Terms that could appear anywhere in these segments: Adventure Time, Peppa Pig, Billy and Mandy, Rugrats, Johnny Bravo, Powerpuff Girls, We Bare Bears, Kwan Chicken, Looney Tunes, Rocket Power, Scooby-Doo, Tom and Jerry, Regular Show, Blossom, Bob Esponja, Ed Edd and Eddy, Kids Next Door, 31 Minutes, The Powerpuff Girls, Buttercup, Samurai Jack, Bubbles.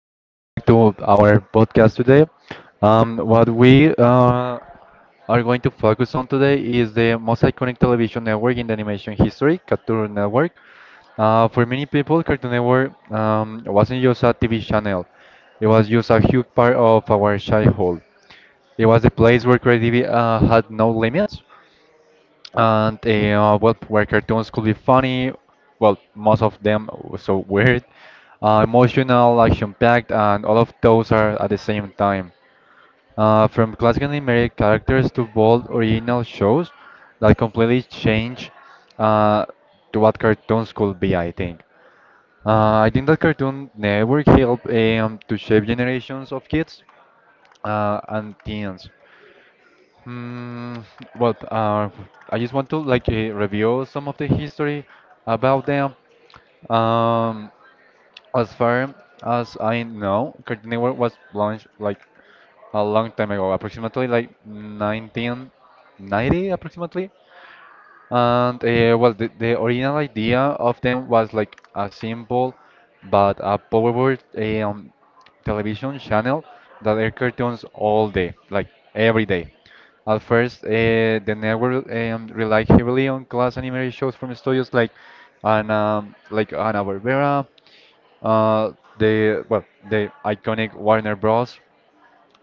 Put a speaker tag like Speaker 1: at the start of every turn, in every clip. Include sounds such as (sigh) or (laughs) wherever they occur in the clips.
Speaker 1: welcome back to our podcast today. What we are going to focus on today is the most iconic television network in the animation history, Cartoon Network. For many people, Cartoon Network wasn't just a TV channel, it was just a huge part of our childhood. It was a place where creativity had no limits. And well, where cartoons could be funny, well, most of them were so weird, emotional, action-packed, and all of those are at the same time. From classic animated characters to bold original shows that completely change uh, to what cartoons could be, I think. I think that Cartoon Network helped to shape generations of kids and teens. Mm, well, uh, I just want to like review some of the history about them. Um, as far as I know, Cartoon Network was launched like a long time ago, approximately like 1990, approximately. And well, the original idea of them was like a simple but a powerful television channel that air cartoons all day, like every day. At first, the network relied heavily on class animated shows from studios like and like Hanna-Barbera, uh, the iconic Warner Bros.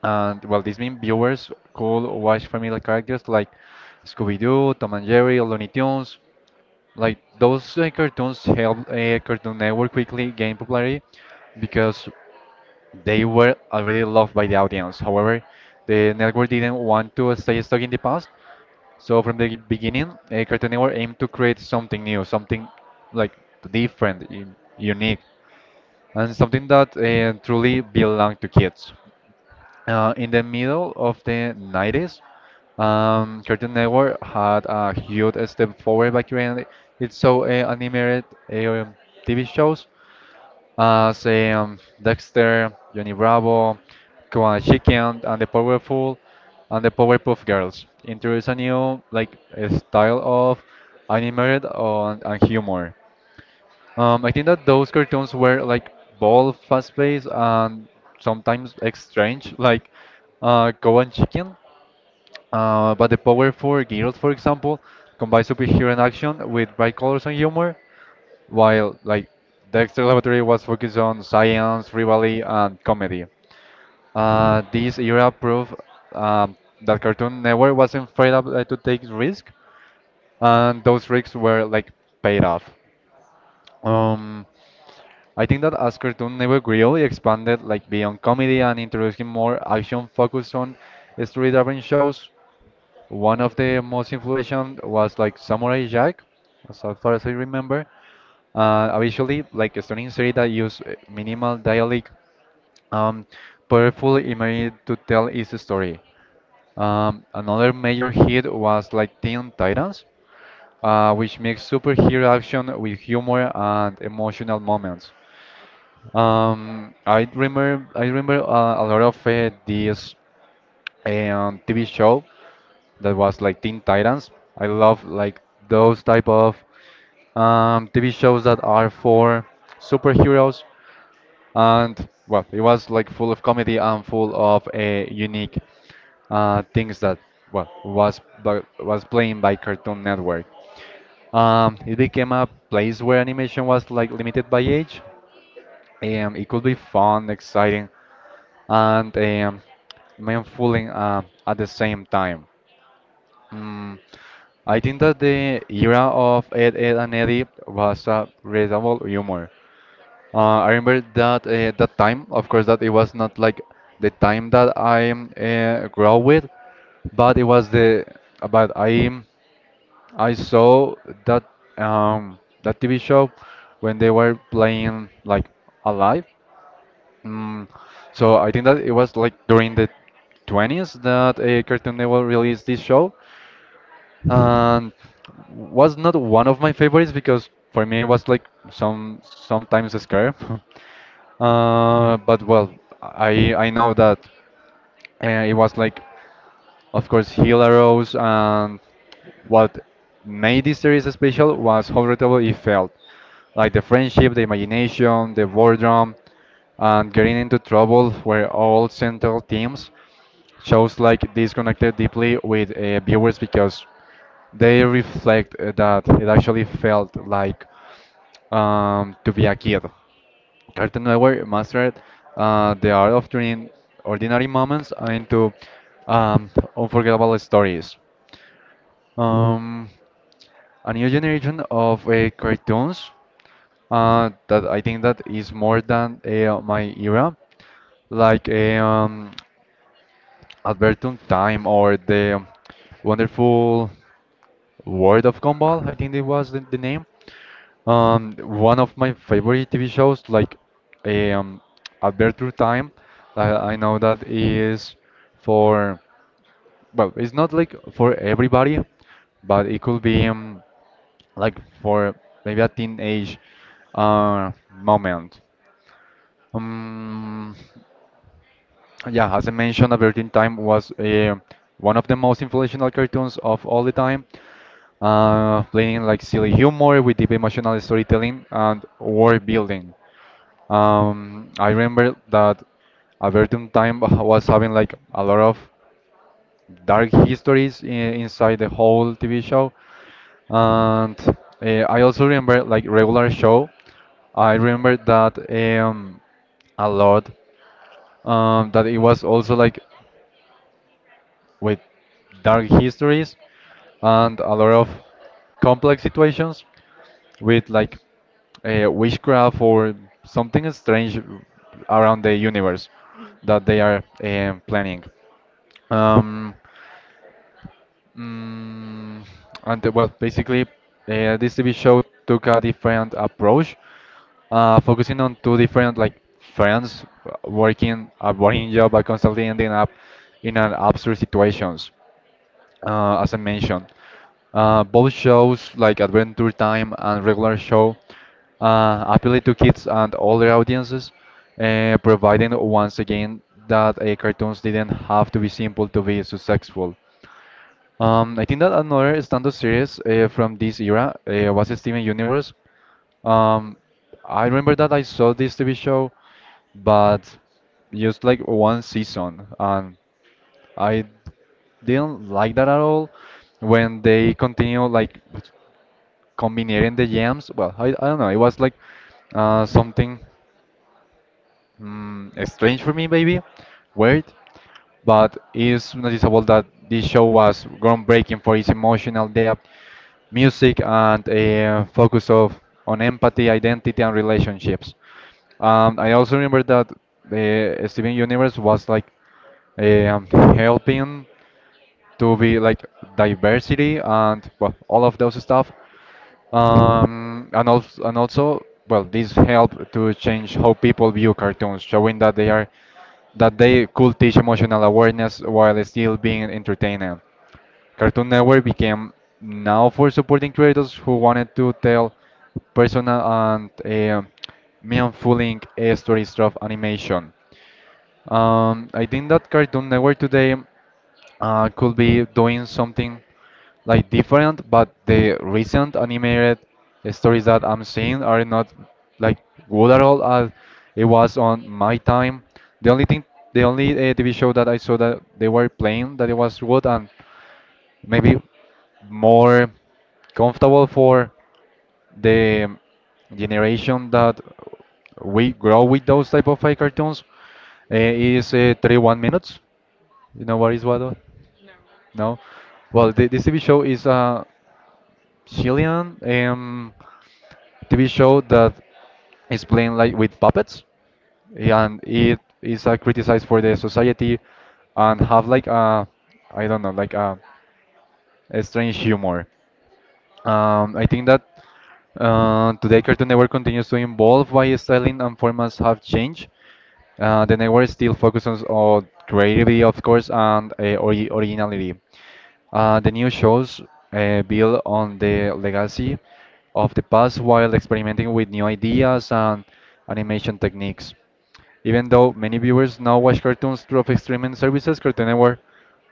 Speaker 1: And well, this means viewers could watch familiar characters like Scooby-Doo, Tom and Jerry, Looney Tunes. Like those cartoons helped Cartoon Network quickly gain popularity because they were already loved by the audience. However, the network didn't want to stay stuck in the past. So from the beginning, Cartoon Network aimed to create something new, something like different, unique, and something that truly belonged to kids. In the middle of the 90s, Cartoon Network had a huge step forward by creating its so animated uh, TV shows say Dexter, Johnny Bravo, Kwan Chicken, and the Powerpuff Girls. Introduce a new like a style of animated on, and humor. I think that those cartoons were like bold, fast-paced, and sometimes like, strange, (laughs) like Kwan Chicken. But the Powerful Girls, for example, combine superhero and action with bright colors and humor while like Dexter Laboratory was focused on science, rivalry, and comedy. This era proved that Cartoon Network wasn't afraid to take risks, and those risks were like paid off. Um, I think that as Cartoon Network really expanded like beyond comedy and introducing more action focused on story-driven shows, one of the most influential was like Samurai Jack, as far as I remember. Obviously, like Estonian series that use minimal dialect, um, powerful imagery to tell its story. Another major hit was like Teen Titans, which makes superhero action with humor and emotional moments. I remember a lot of this TV show that was like Teen Titans. I love like those type of TV shows that are for superheroes and well, it was like full of comedy and full of unique things that well was was playing by Cartoon Network. It became a place where animation was like limited by age, and it could be fun, exciting, and mindfully at the same time. Mm, I think that the era of Ed and Eddie was a reasonable humor. I remember that that time, of course, that it was not like the time that I grew up with, but it was the but I saw that um that TV show when they were playing like alive. Mm, so I think that it was like during the 20s that Cartoon Network released this show, and was not one of my favorites because for me it was like sometimes scary. (laughs) But well, I know that it was like, of course, Hilaros and what made this series special was how relatable it felt, like the friendship, the imagination, the boredom, and getting into trouble were all central themes. Shows like this connected deeply with viewers because they reflect that it actually felt like to be a kid. Cartoon Network mastered the art of turning ordinary moments into um, unforgettable stories. Um, a new generation of cartoons that I think that is more than my era, like Adventure Time or the Wonderful World of Gumball, I think it was the name. One of my favorite TV shows, like um, Adventure Time, I know that is for, well, it's not like for everybody, but it could be like for maybe a teenage moment. Um, yeah, as I mentioned, Adventure Time was one of the most influential cartoons of all the time, playing like silly humor with deep emotional storytelling and world building. I remember that a certain time (laughs) was having like a lot of dark histories inside the whole TV show, and I also remember like regular show. I remember that a lot that it was also like with dark histories and a lot of complex situations with like witchcraft or something strange around the universe that they are planning. Um, mm, and well, basically, this TV show took a different approach, focusing on two different like friends working a boring job but constantly ending up in an absurd situations. As I mentioned, both shows like Adventure Time and regular show appeal to kids and older audiences, providing once again that cartoons didn't have to be simple to be successful. I think that another standard series from this era was Steven Universe. Um, I remember that I saw this TV show, but just like one season, and I didn't like that at all. When they continue like combining the jams, well, I don't know. It was like something strange for me, maybe weird, but it's noticeable that this show was groundbreaking for its emotional depth, music, and a focus of on empathy, identity, and relationships. I also remember that the Steven Universe was like um, helping to be like diversity and well all of those stuff and also well this help to change how people view cartoons showing that they are that they could teach emotional awareness while still being entertaining cartoon network became now for supporting creators who wanted to tell personal and meaningful stories through animation I think that cartoon network today could be doing something like different, but the recent animated stories that I'm seeing are not like good at all as it was on my time. The only thing, the only TV show that I saw that they were playing that it was good and maybe more comfortable for the generation that we grow with those type of cartoons is 31 minutes. You know what is what?
Speaker 2: No.
Speaker 1: No. Well, this TV show is a Chilean TV show that is playing like with puppets, and it is criticized for the society and have like a I don't know like a strange humor. I think that today Cartoon Network continues to evolve while styling and formats have changed. The network still focuses on creativity, of course, and originality. The new shows build on the legacy of the past while experimenting with new ideas and animation techniques. Even though many viewers now watch cartoons through of streaming services, Cartoon Network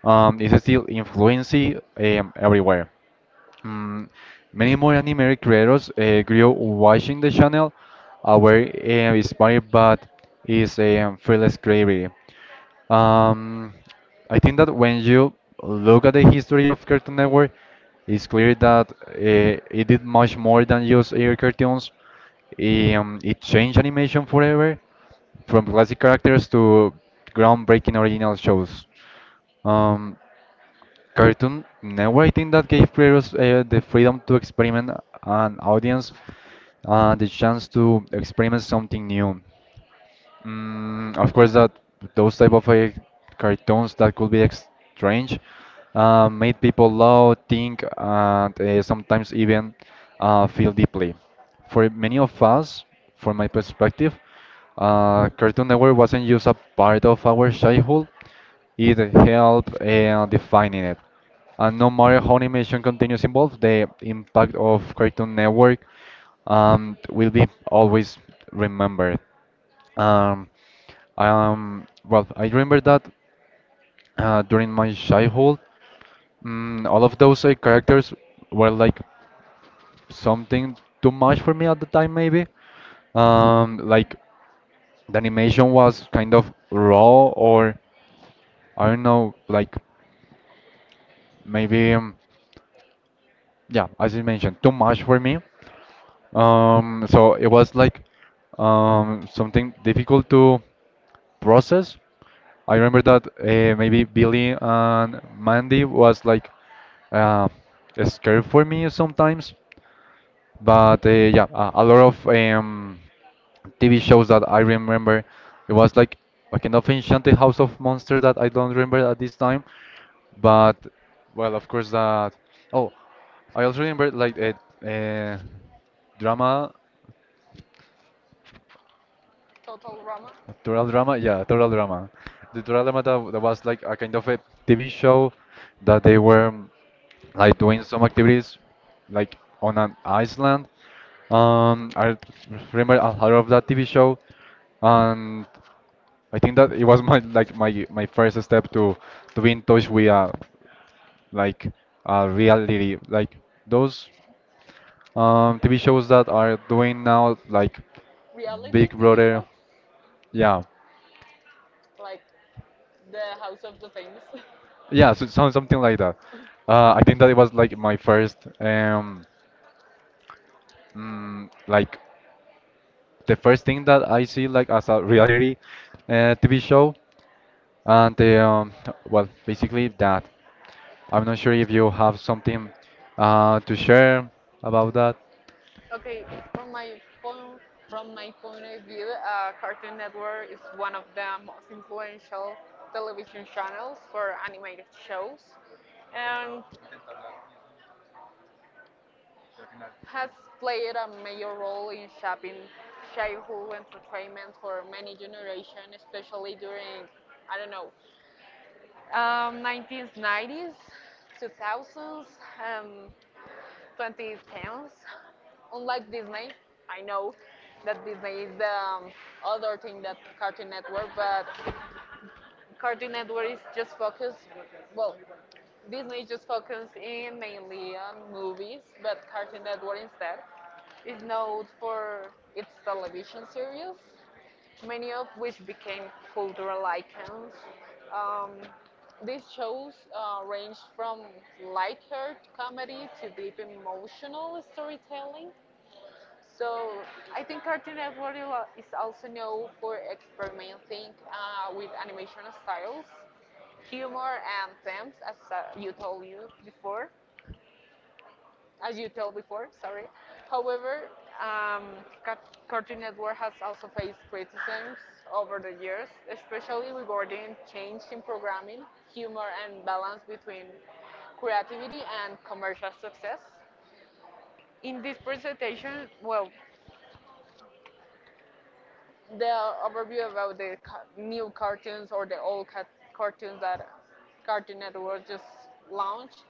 Speaker 1: is still influencing everywhere. Mm, Many more anime creators grew watching the channel, were inspired by its fearless creativity. Um, I think that when you look at the history of Cartoon Network, it's clear that it did much more than just air cartoons. It changed animation forever, from classic characters to groundbreaking original shows. Um, Cartoon Network, I think that gave creators the freedom to experiment and audience the chance to experiment something new. Of course, that those type of cartoons that could be ex strange made people laugh, think, and sometimes even feel deeply. For many of us, from my perspective, Cartoon Network wasn't just a part of our childhood; it helped defining it. And no matter how animation continues involved, the impact of Cartoon Network will be always remembered. Um, well, I remember that during my childhood, all of those characters were like something too much for me at the time, maybe. Like the animation was kind of raw, or I don't know, like maybe, yeah, as you mentioned, too much for me. So it was like something difficult to process. I remember that maybe Billy and Mandy was like uh, scared for me sometimes. But yeah, a lot of TV shows that I remember. It was like a kind of Enchanted House of Monsters that I don't remember at this time. But well, of course that. Oh, I also remember like a, uh uh, drama.
Speaker 2: Total drama.
Speaker 1: Toral Drama, yeah, Toral Drama. The Toral Drama that was like a kind of a TV show that they were like doing some activities like on an island. I remember a lot of that TV show, and I think that it was my like my first step to be in touch with like reality, like those TV shows that are doing now, like
Speaker 2: Reality
Speaker 1: Big
Speaker 2: TV
Speaker 1: Brother,
Speaker 2: shows
Speaker 1: yeah.
Speaker 2: like The House of the Famous. (laughs)
Speaker 1: Yeah, so something like that. I think that it was like my first, like the first thing that I see like as a reality TV show, and well, basically that. I'm not sure if you have something to share about that.
Speaker 2: Okay, from my point from my point of view, Cartoon Network is one of the most influential television channels for animated shows, and has played a major role in shaping childhood entertainment for many generations, especially during I don't know 1990s, 2000s, um, 2010s. Unlike Disney, I know that Disney is the other thing that Cartoon Network, but Cartoon Network is just focused, well, Disney is just focused in mainly on movies, but Cartoon Network instead is known for its television series, many of which became cultural icons. Um, these shows ranged from lighthearted comedy to deep emotional storytelling. So I think Cartoon Network is also known for experimenting with animation styles, humor, and themes, as you told you before as you told before, sorry. However, um, Cartoon Network has also faced criticisms over the years, especially regarding change in programming, humor, and balance between creativity and commercial success. In this presentation, well, the overview about the new cartoons or the cartoons that Cartoon Network just launched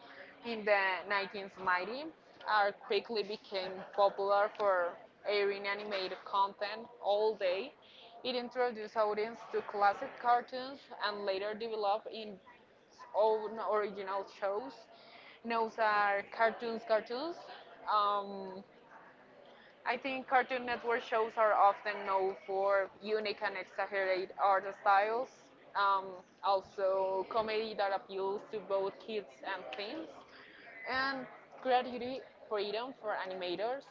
Speaker 2: in the 1990s are quickly became popular for airing animated content all day. It introduced audience to classic cartoons and later developed its own original shows. Those are cartoons, cartoons. Um, I think Cartoon Network shows are often known for unique and exaggerated art styles, um, also comedy that appeals to both kids and teens, and creativity freedom for animators.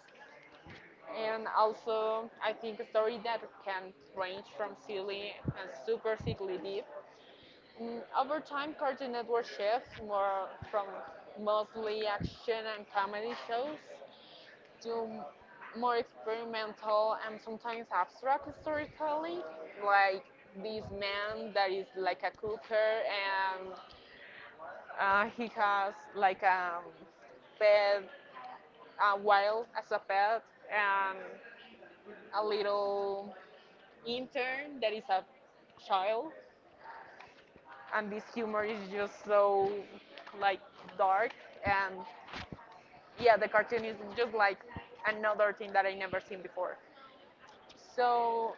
Speaker 2: And also, I think a story that can range from silly and super sickly deep. Over time, Cartoon Network shifts more from mostly action and comedy shows do more experimental and sometimes abstract storytelling, like this man that is like a cooker and he has like a pet, a wild as a pet, and a little intern that is a child. And this humor is just so like dark and yeah, the cartoon is just like another thing that I never seen before. So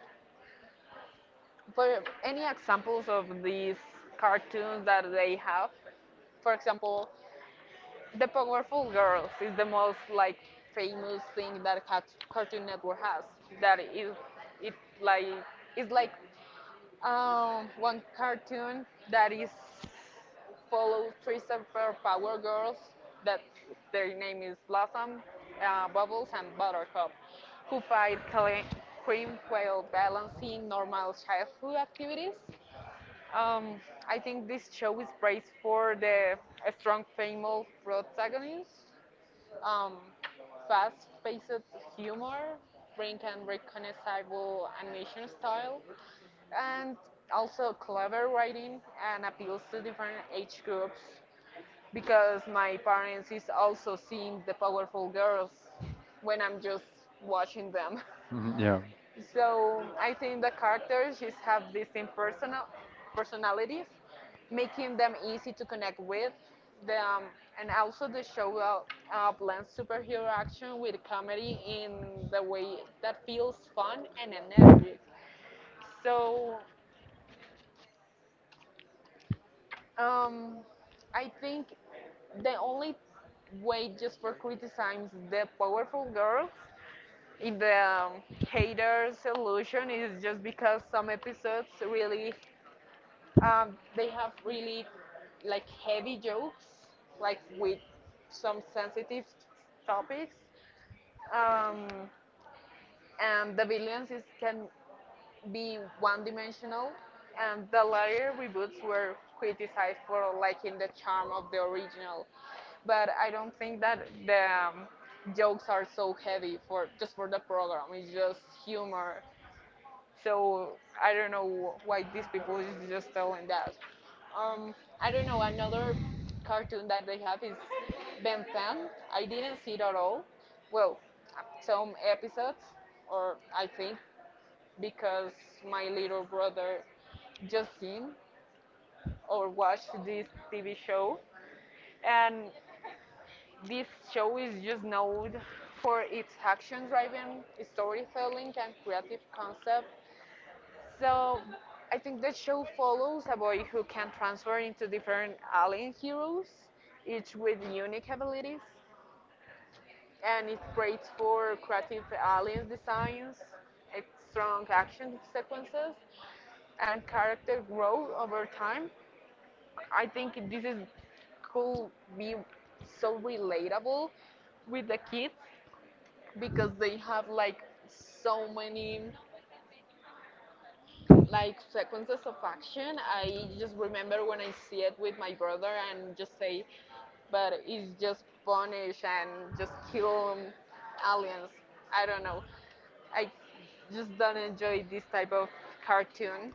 Speaker 2: but any examples of these cartoons that they have? For example, The Powerpuff Girls is the most like famous thing that Cartoon Network has. That is, it like it's like one cartoon that is follows three super power girls that their name is Blossom, Bubbles, and Buttercup, who fight cream quail balancing normal childhood activities. Um, I think this show is praised for the strong female protagonists, um, fast-paced humor, frank and recognizable animation style, and also clever writing and appeals to different age groups. Because my parents is also seeing the powerful girls when I'm just watching them. (laughs)
Speaker 1: Mhm. Yeah.
Speaker 2: So I think the characters just have these same personalities, making them easy to connect with. The, um, and also the show blends superhero action with comedy in the way that feels fun and energetic. So um, I think the only way just for criticizing the powerful girls in the haters illusion is just because some episodes really they have really like heavy jokes, like with some sensitive topics. Um, and the villains is, can be one-dimensional, and the later reboots were criticized for lacking the charm of the original. But I don't think that the jokes are so heavy for just for the program. It's just humor, so I don't know why these people is just telling that. Um, I don't know. Another cartoon that they have is Ben 10. I didn't see it at all. Well, some episodes, or I think because my little brother just seen or watched this TV show, and this show is just known for its action-driven storytelling and creative concept. So I think the show follows a boy who can transform into different alien heroes, each with unique abilities, and it creates for creative alien designs, it's strong action sequences, and character growth over time. I think this is could be so relatable with the kids because they have like so many like sequences of action. I just remember when I see it with my brother and just say, but it's just punish and just kill aliens. I don't know. I just don't enjoy this type of cartoon.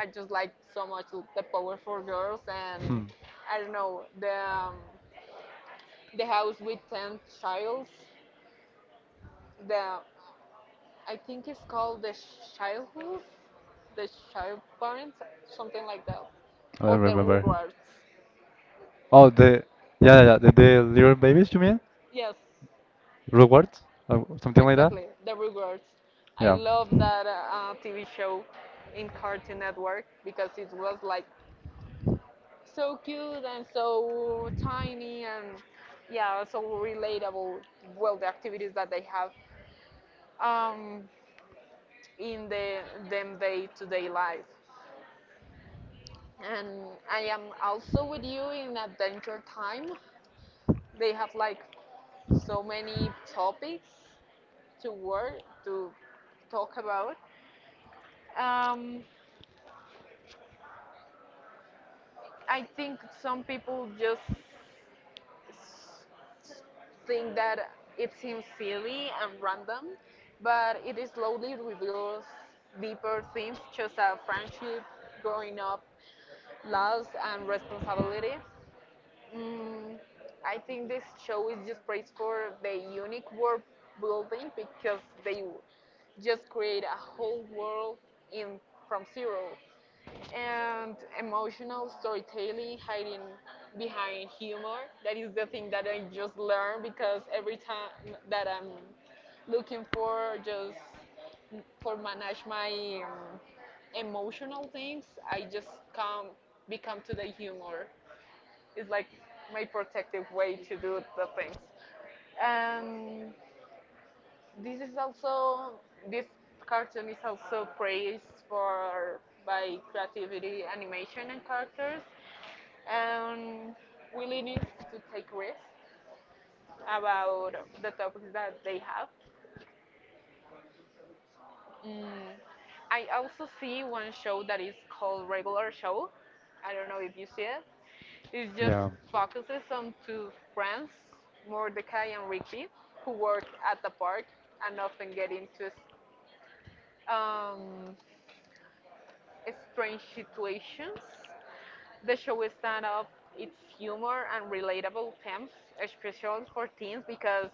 Speaker 2: I just like so much the powerful girls and
Speaker 1: Hmm.
Speaker 2: I don't know the house with ten childs, the I think it's called the childhood, the child parents, something like that,
Speaker 1: I
Speaker 2: or
Speaker 1: don't
Speaker 2: the
Speaker 1: remember.
Speaker 2: Rugrats.
Speaker 1: Oh, the yeah, yeah, yeah, the little babies, you mean?
Speaker 2: Yes,
Speaker 1: Rugrats? Something like that.
Speaker 2: exactly, the Rugrats. I
Speaker 1: Yeah.
Speaker 2: love that TV show in Cartoon Network because it was like so cute and so tiny and yeah, so relatable. Well, the activities that they have um, in the them day-to-day life. And I am also with you in Adventure Time. They have like so many topics to work to talk about. Um, I think some people just think that it seems silly and random, but it is slowly reveals deeper themes such as friendship, growing up, loss, and responsibility. Mm, I think this show is just praised for the unique world building because they just create a whole world in from zero and emotional storytelling hiding behind humor that is the thing that I just learned because every time that I'm looking for just for manage my emotional things I just come become to the humor, it's like my protective way to do the things and This is also this cartoon is also praised for by creativity, animation, and characters, and willingness to take risks about the topics that they have. Mm, I also see one show that is called Regular Show. I don't know if you see it. It just
Speaker 1: Yeah.
Speaker 2: focuses on two friends, Mordecai and Rigby, who work at the park and often get into um, strange situations. The show is stand up its humor and relatable themes, especially for teens, because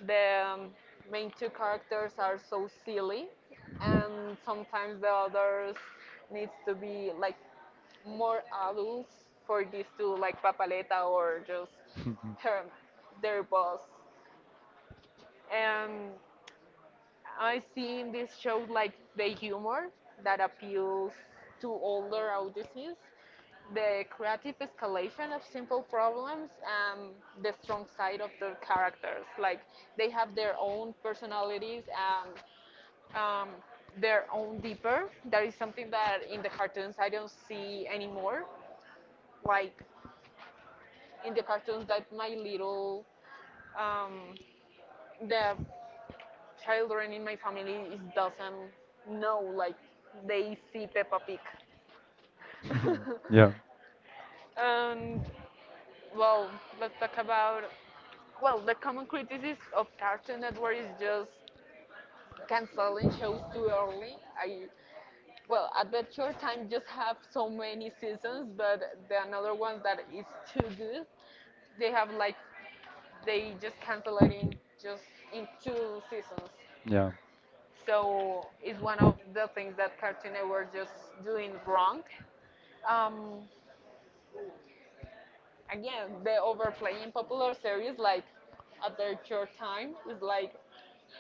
Speaker 2: the main two characters are so silly, and sometimes the others needs to be like more adults for these two, like Papaleta or just her, their boss. And I see in this show like the humor that appeals to older audiences, the creative escalation of simple problems and the strong side of the characters. Like they have their own personalities and um, their own deeper. That is something that in the cartoons I don't see anymore. Like in the cartoons that my little um, the children in my family is doesn't know like they see Peppa Pig. (laughs)
Speaker 1: (laughs) Yeah.
Speaker 2: And well, let's talk about well, the common criticism of Cartoon Network is just canceling shows too early. I Well, Adventure Time just have so many seasons, but the another ones that is too good, they have like they just cancel it in just in two seasons.
Speaker 1: Yeah.
Speaker 2: So it's one of the things that Cartoon Network just doing wrong. Um, Again, the overplaying popular series like Adventure Time is like,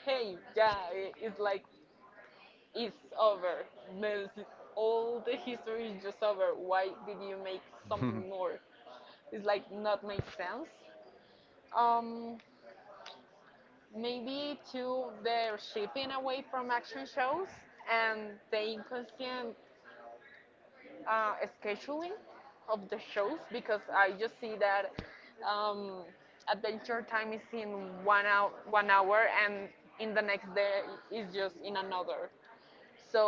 Speaker 2: hey, yeah, it's like it's over. This, all the history is just over. Why did you make something
Speaker 1: (laughs)
Speaker 2: more? It's like not make sense. Um, Maybe too they're shifting away from action shows and the inconscient uh, scheduling of the shows because I just see that um, Adventure Time is in 1 hour, and in the next day is just in another. So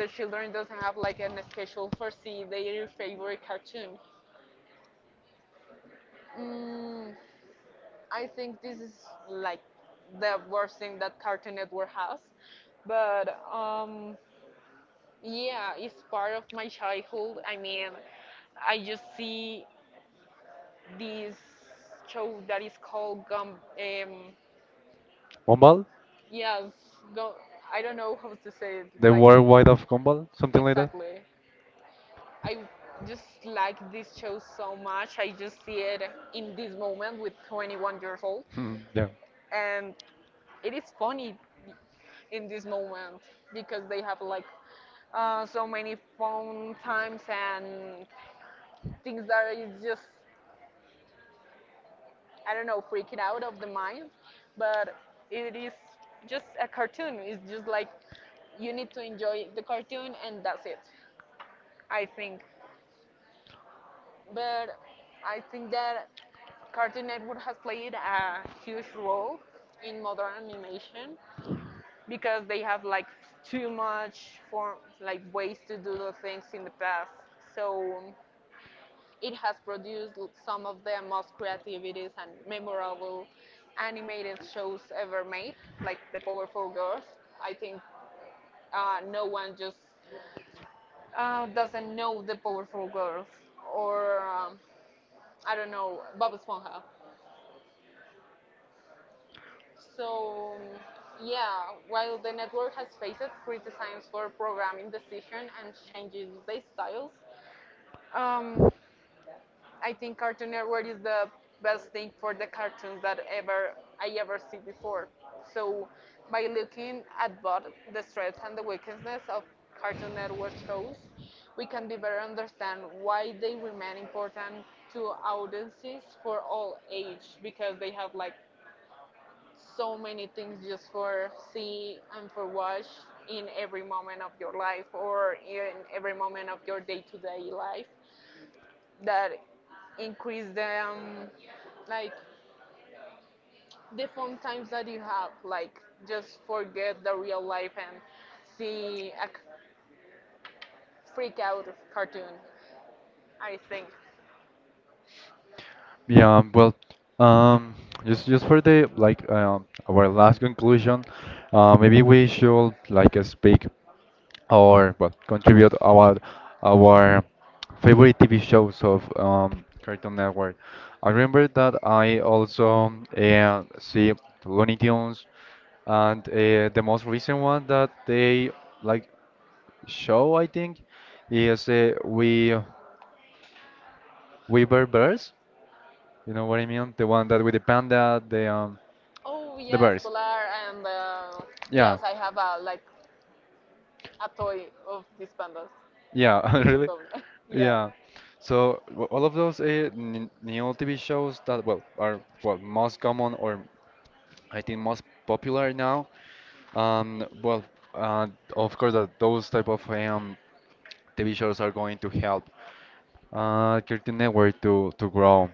Speaker 2: the children doesn't have like an schedule for see their favorite cartoon. Mm, I think this is like the worst thing that Cartoon Network has, but yeah, it's part of my childhood. I mean, I just see this show that is called Gum. Um,
Speaker 1: Gumball?
Speaker 2: yes, go. I don't know how to say it.
Speaker 1: The
Speaker 2: Like
Speaker 1: world wide of Gumball? Something like that?
Speaker 2: exactly. I just like this show so much. I just see it in this moment with 21 years old,
Speaker 1: (laughs) Yeah.
Speaker 2: and it is funny in this moment because they have like so many fun times and things that is just I don't know freaking out of the mind, but it is just a cartoon. It's just like you need to enjoy the cartoon and that's it. I think, but I think that Cartoon Network has played a huge role in modern animation because they have like too much form, like ways to do the things in the past. So it has produced some of the most creativities and memorable animated shows ever made, like The Powerful Girls. I think no one just doesn't know The Powerful Girls or I don't know Bob Esponja. So yeah, while the network has faced criticisms for programming decision and changes they styles, um, I think Cartoon Network is the best thing for the cartoons that ever I ever see before. So by looking at both the strengths and the weaknesses of Cartoon Network shows, we can better understand why they remain important to audiences for all age because they have like so many things just for see and for watch in every moment of your life or in every moment of your day-to-day life that increase the like the fun times that you have like just forget the real life and see a freak out cartoon I think.
Speaker 1: Yeah, well, um, just for the like our last conclusion, maybe we should like speak or well contribute about our favorite TV shows of Cartoon Network. I remember that I also see Looney Tunes and the most recent one that they like show I think is uh, We Were Bears. You know what I mean? The one that with the panda,
Speaker 2: Oh
Speaker 1: the
Speaker 2: yes,
Speaker 1: bears.
Speaker 2: polar, and
Speaker 1: Yeah,
Speaker 2: yes I have a like a toy of these pandas
Speaker 1: yeah, (laughs)
Speaker 2: each of
Speaker 1: really,
Speaker 2: them. (laughs) Yeah.
Speaker 1: yeah. So all of those new TV shows that well are well most common or I think most popular now. Well, uh, of course that those type of TV shows are going to help Cartoon Network to grow.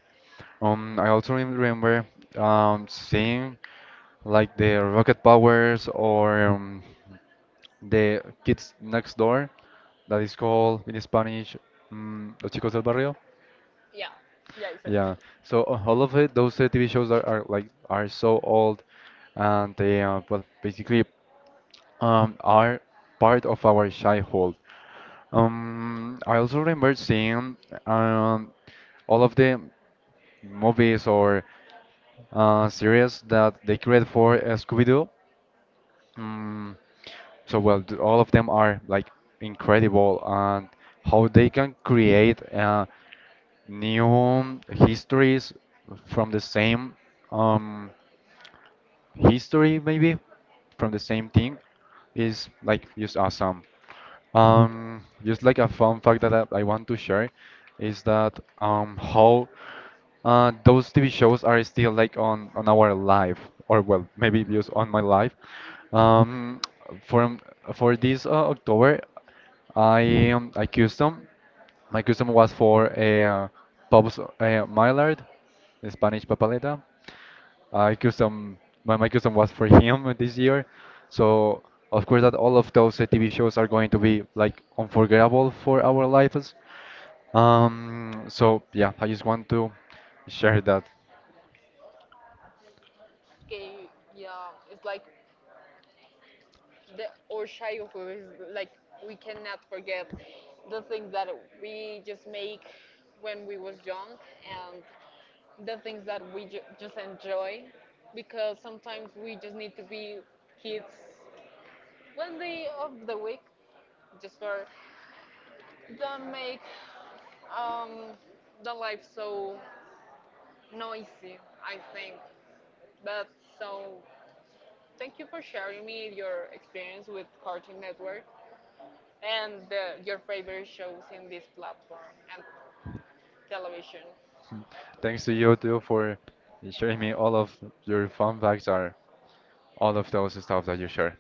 Speaker 1: I also remember seeing like the Rocket Powers or the Kids Next Door, that is called in Spanish Los Chicos del Barrio.
Speaker 2: Yeah, yeah, exactly.
Speaker 1: Yeah, so all of it, those TV shows are like are so old, and they well basically are part of our childhood. I also remember seeing um, all of the movies or series that they created for Scooby-Doo. Mm, so well, all of them are like incredible, and how they can create new histories from the same um, history maybe from the same thing is like just awesome. Just like a fun fact that I want to share is that how those TV shows are still like on our life, or well, maybe just on my life. Um, from for this October, I custom my custom was for a Pabst Maillard, the Spanish papeleta. I custom my custom was for (laughs) him this year. So of course that all of those TV shows are going to be like unforgettable for our lives. So yeah, I just want to share that. (laughs)
Speaker 2: Okay, yeah, it's like the our childhood is like we cannot forget the things that we just make when we was young and the things that we just enjoy because sometimes we just need to be kids one day of the week just for don't make um, the life so noisy I think but so thank you for sharing me your experience with Cartoon Network and your favorite shows in this platform and television.
Speaker 1: Mm. Thanks to you too for sharing me all of your fun facts or all of those stuff that you share.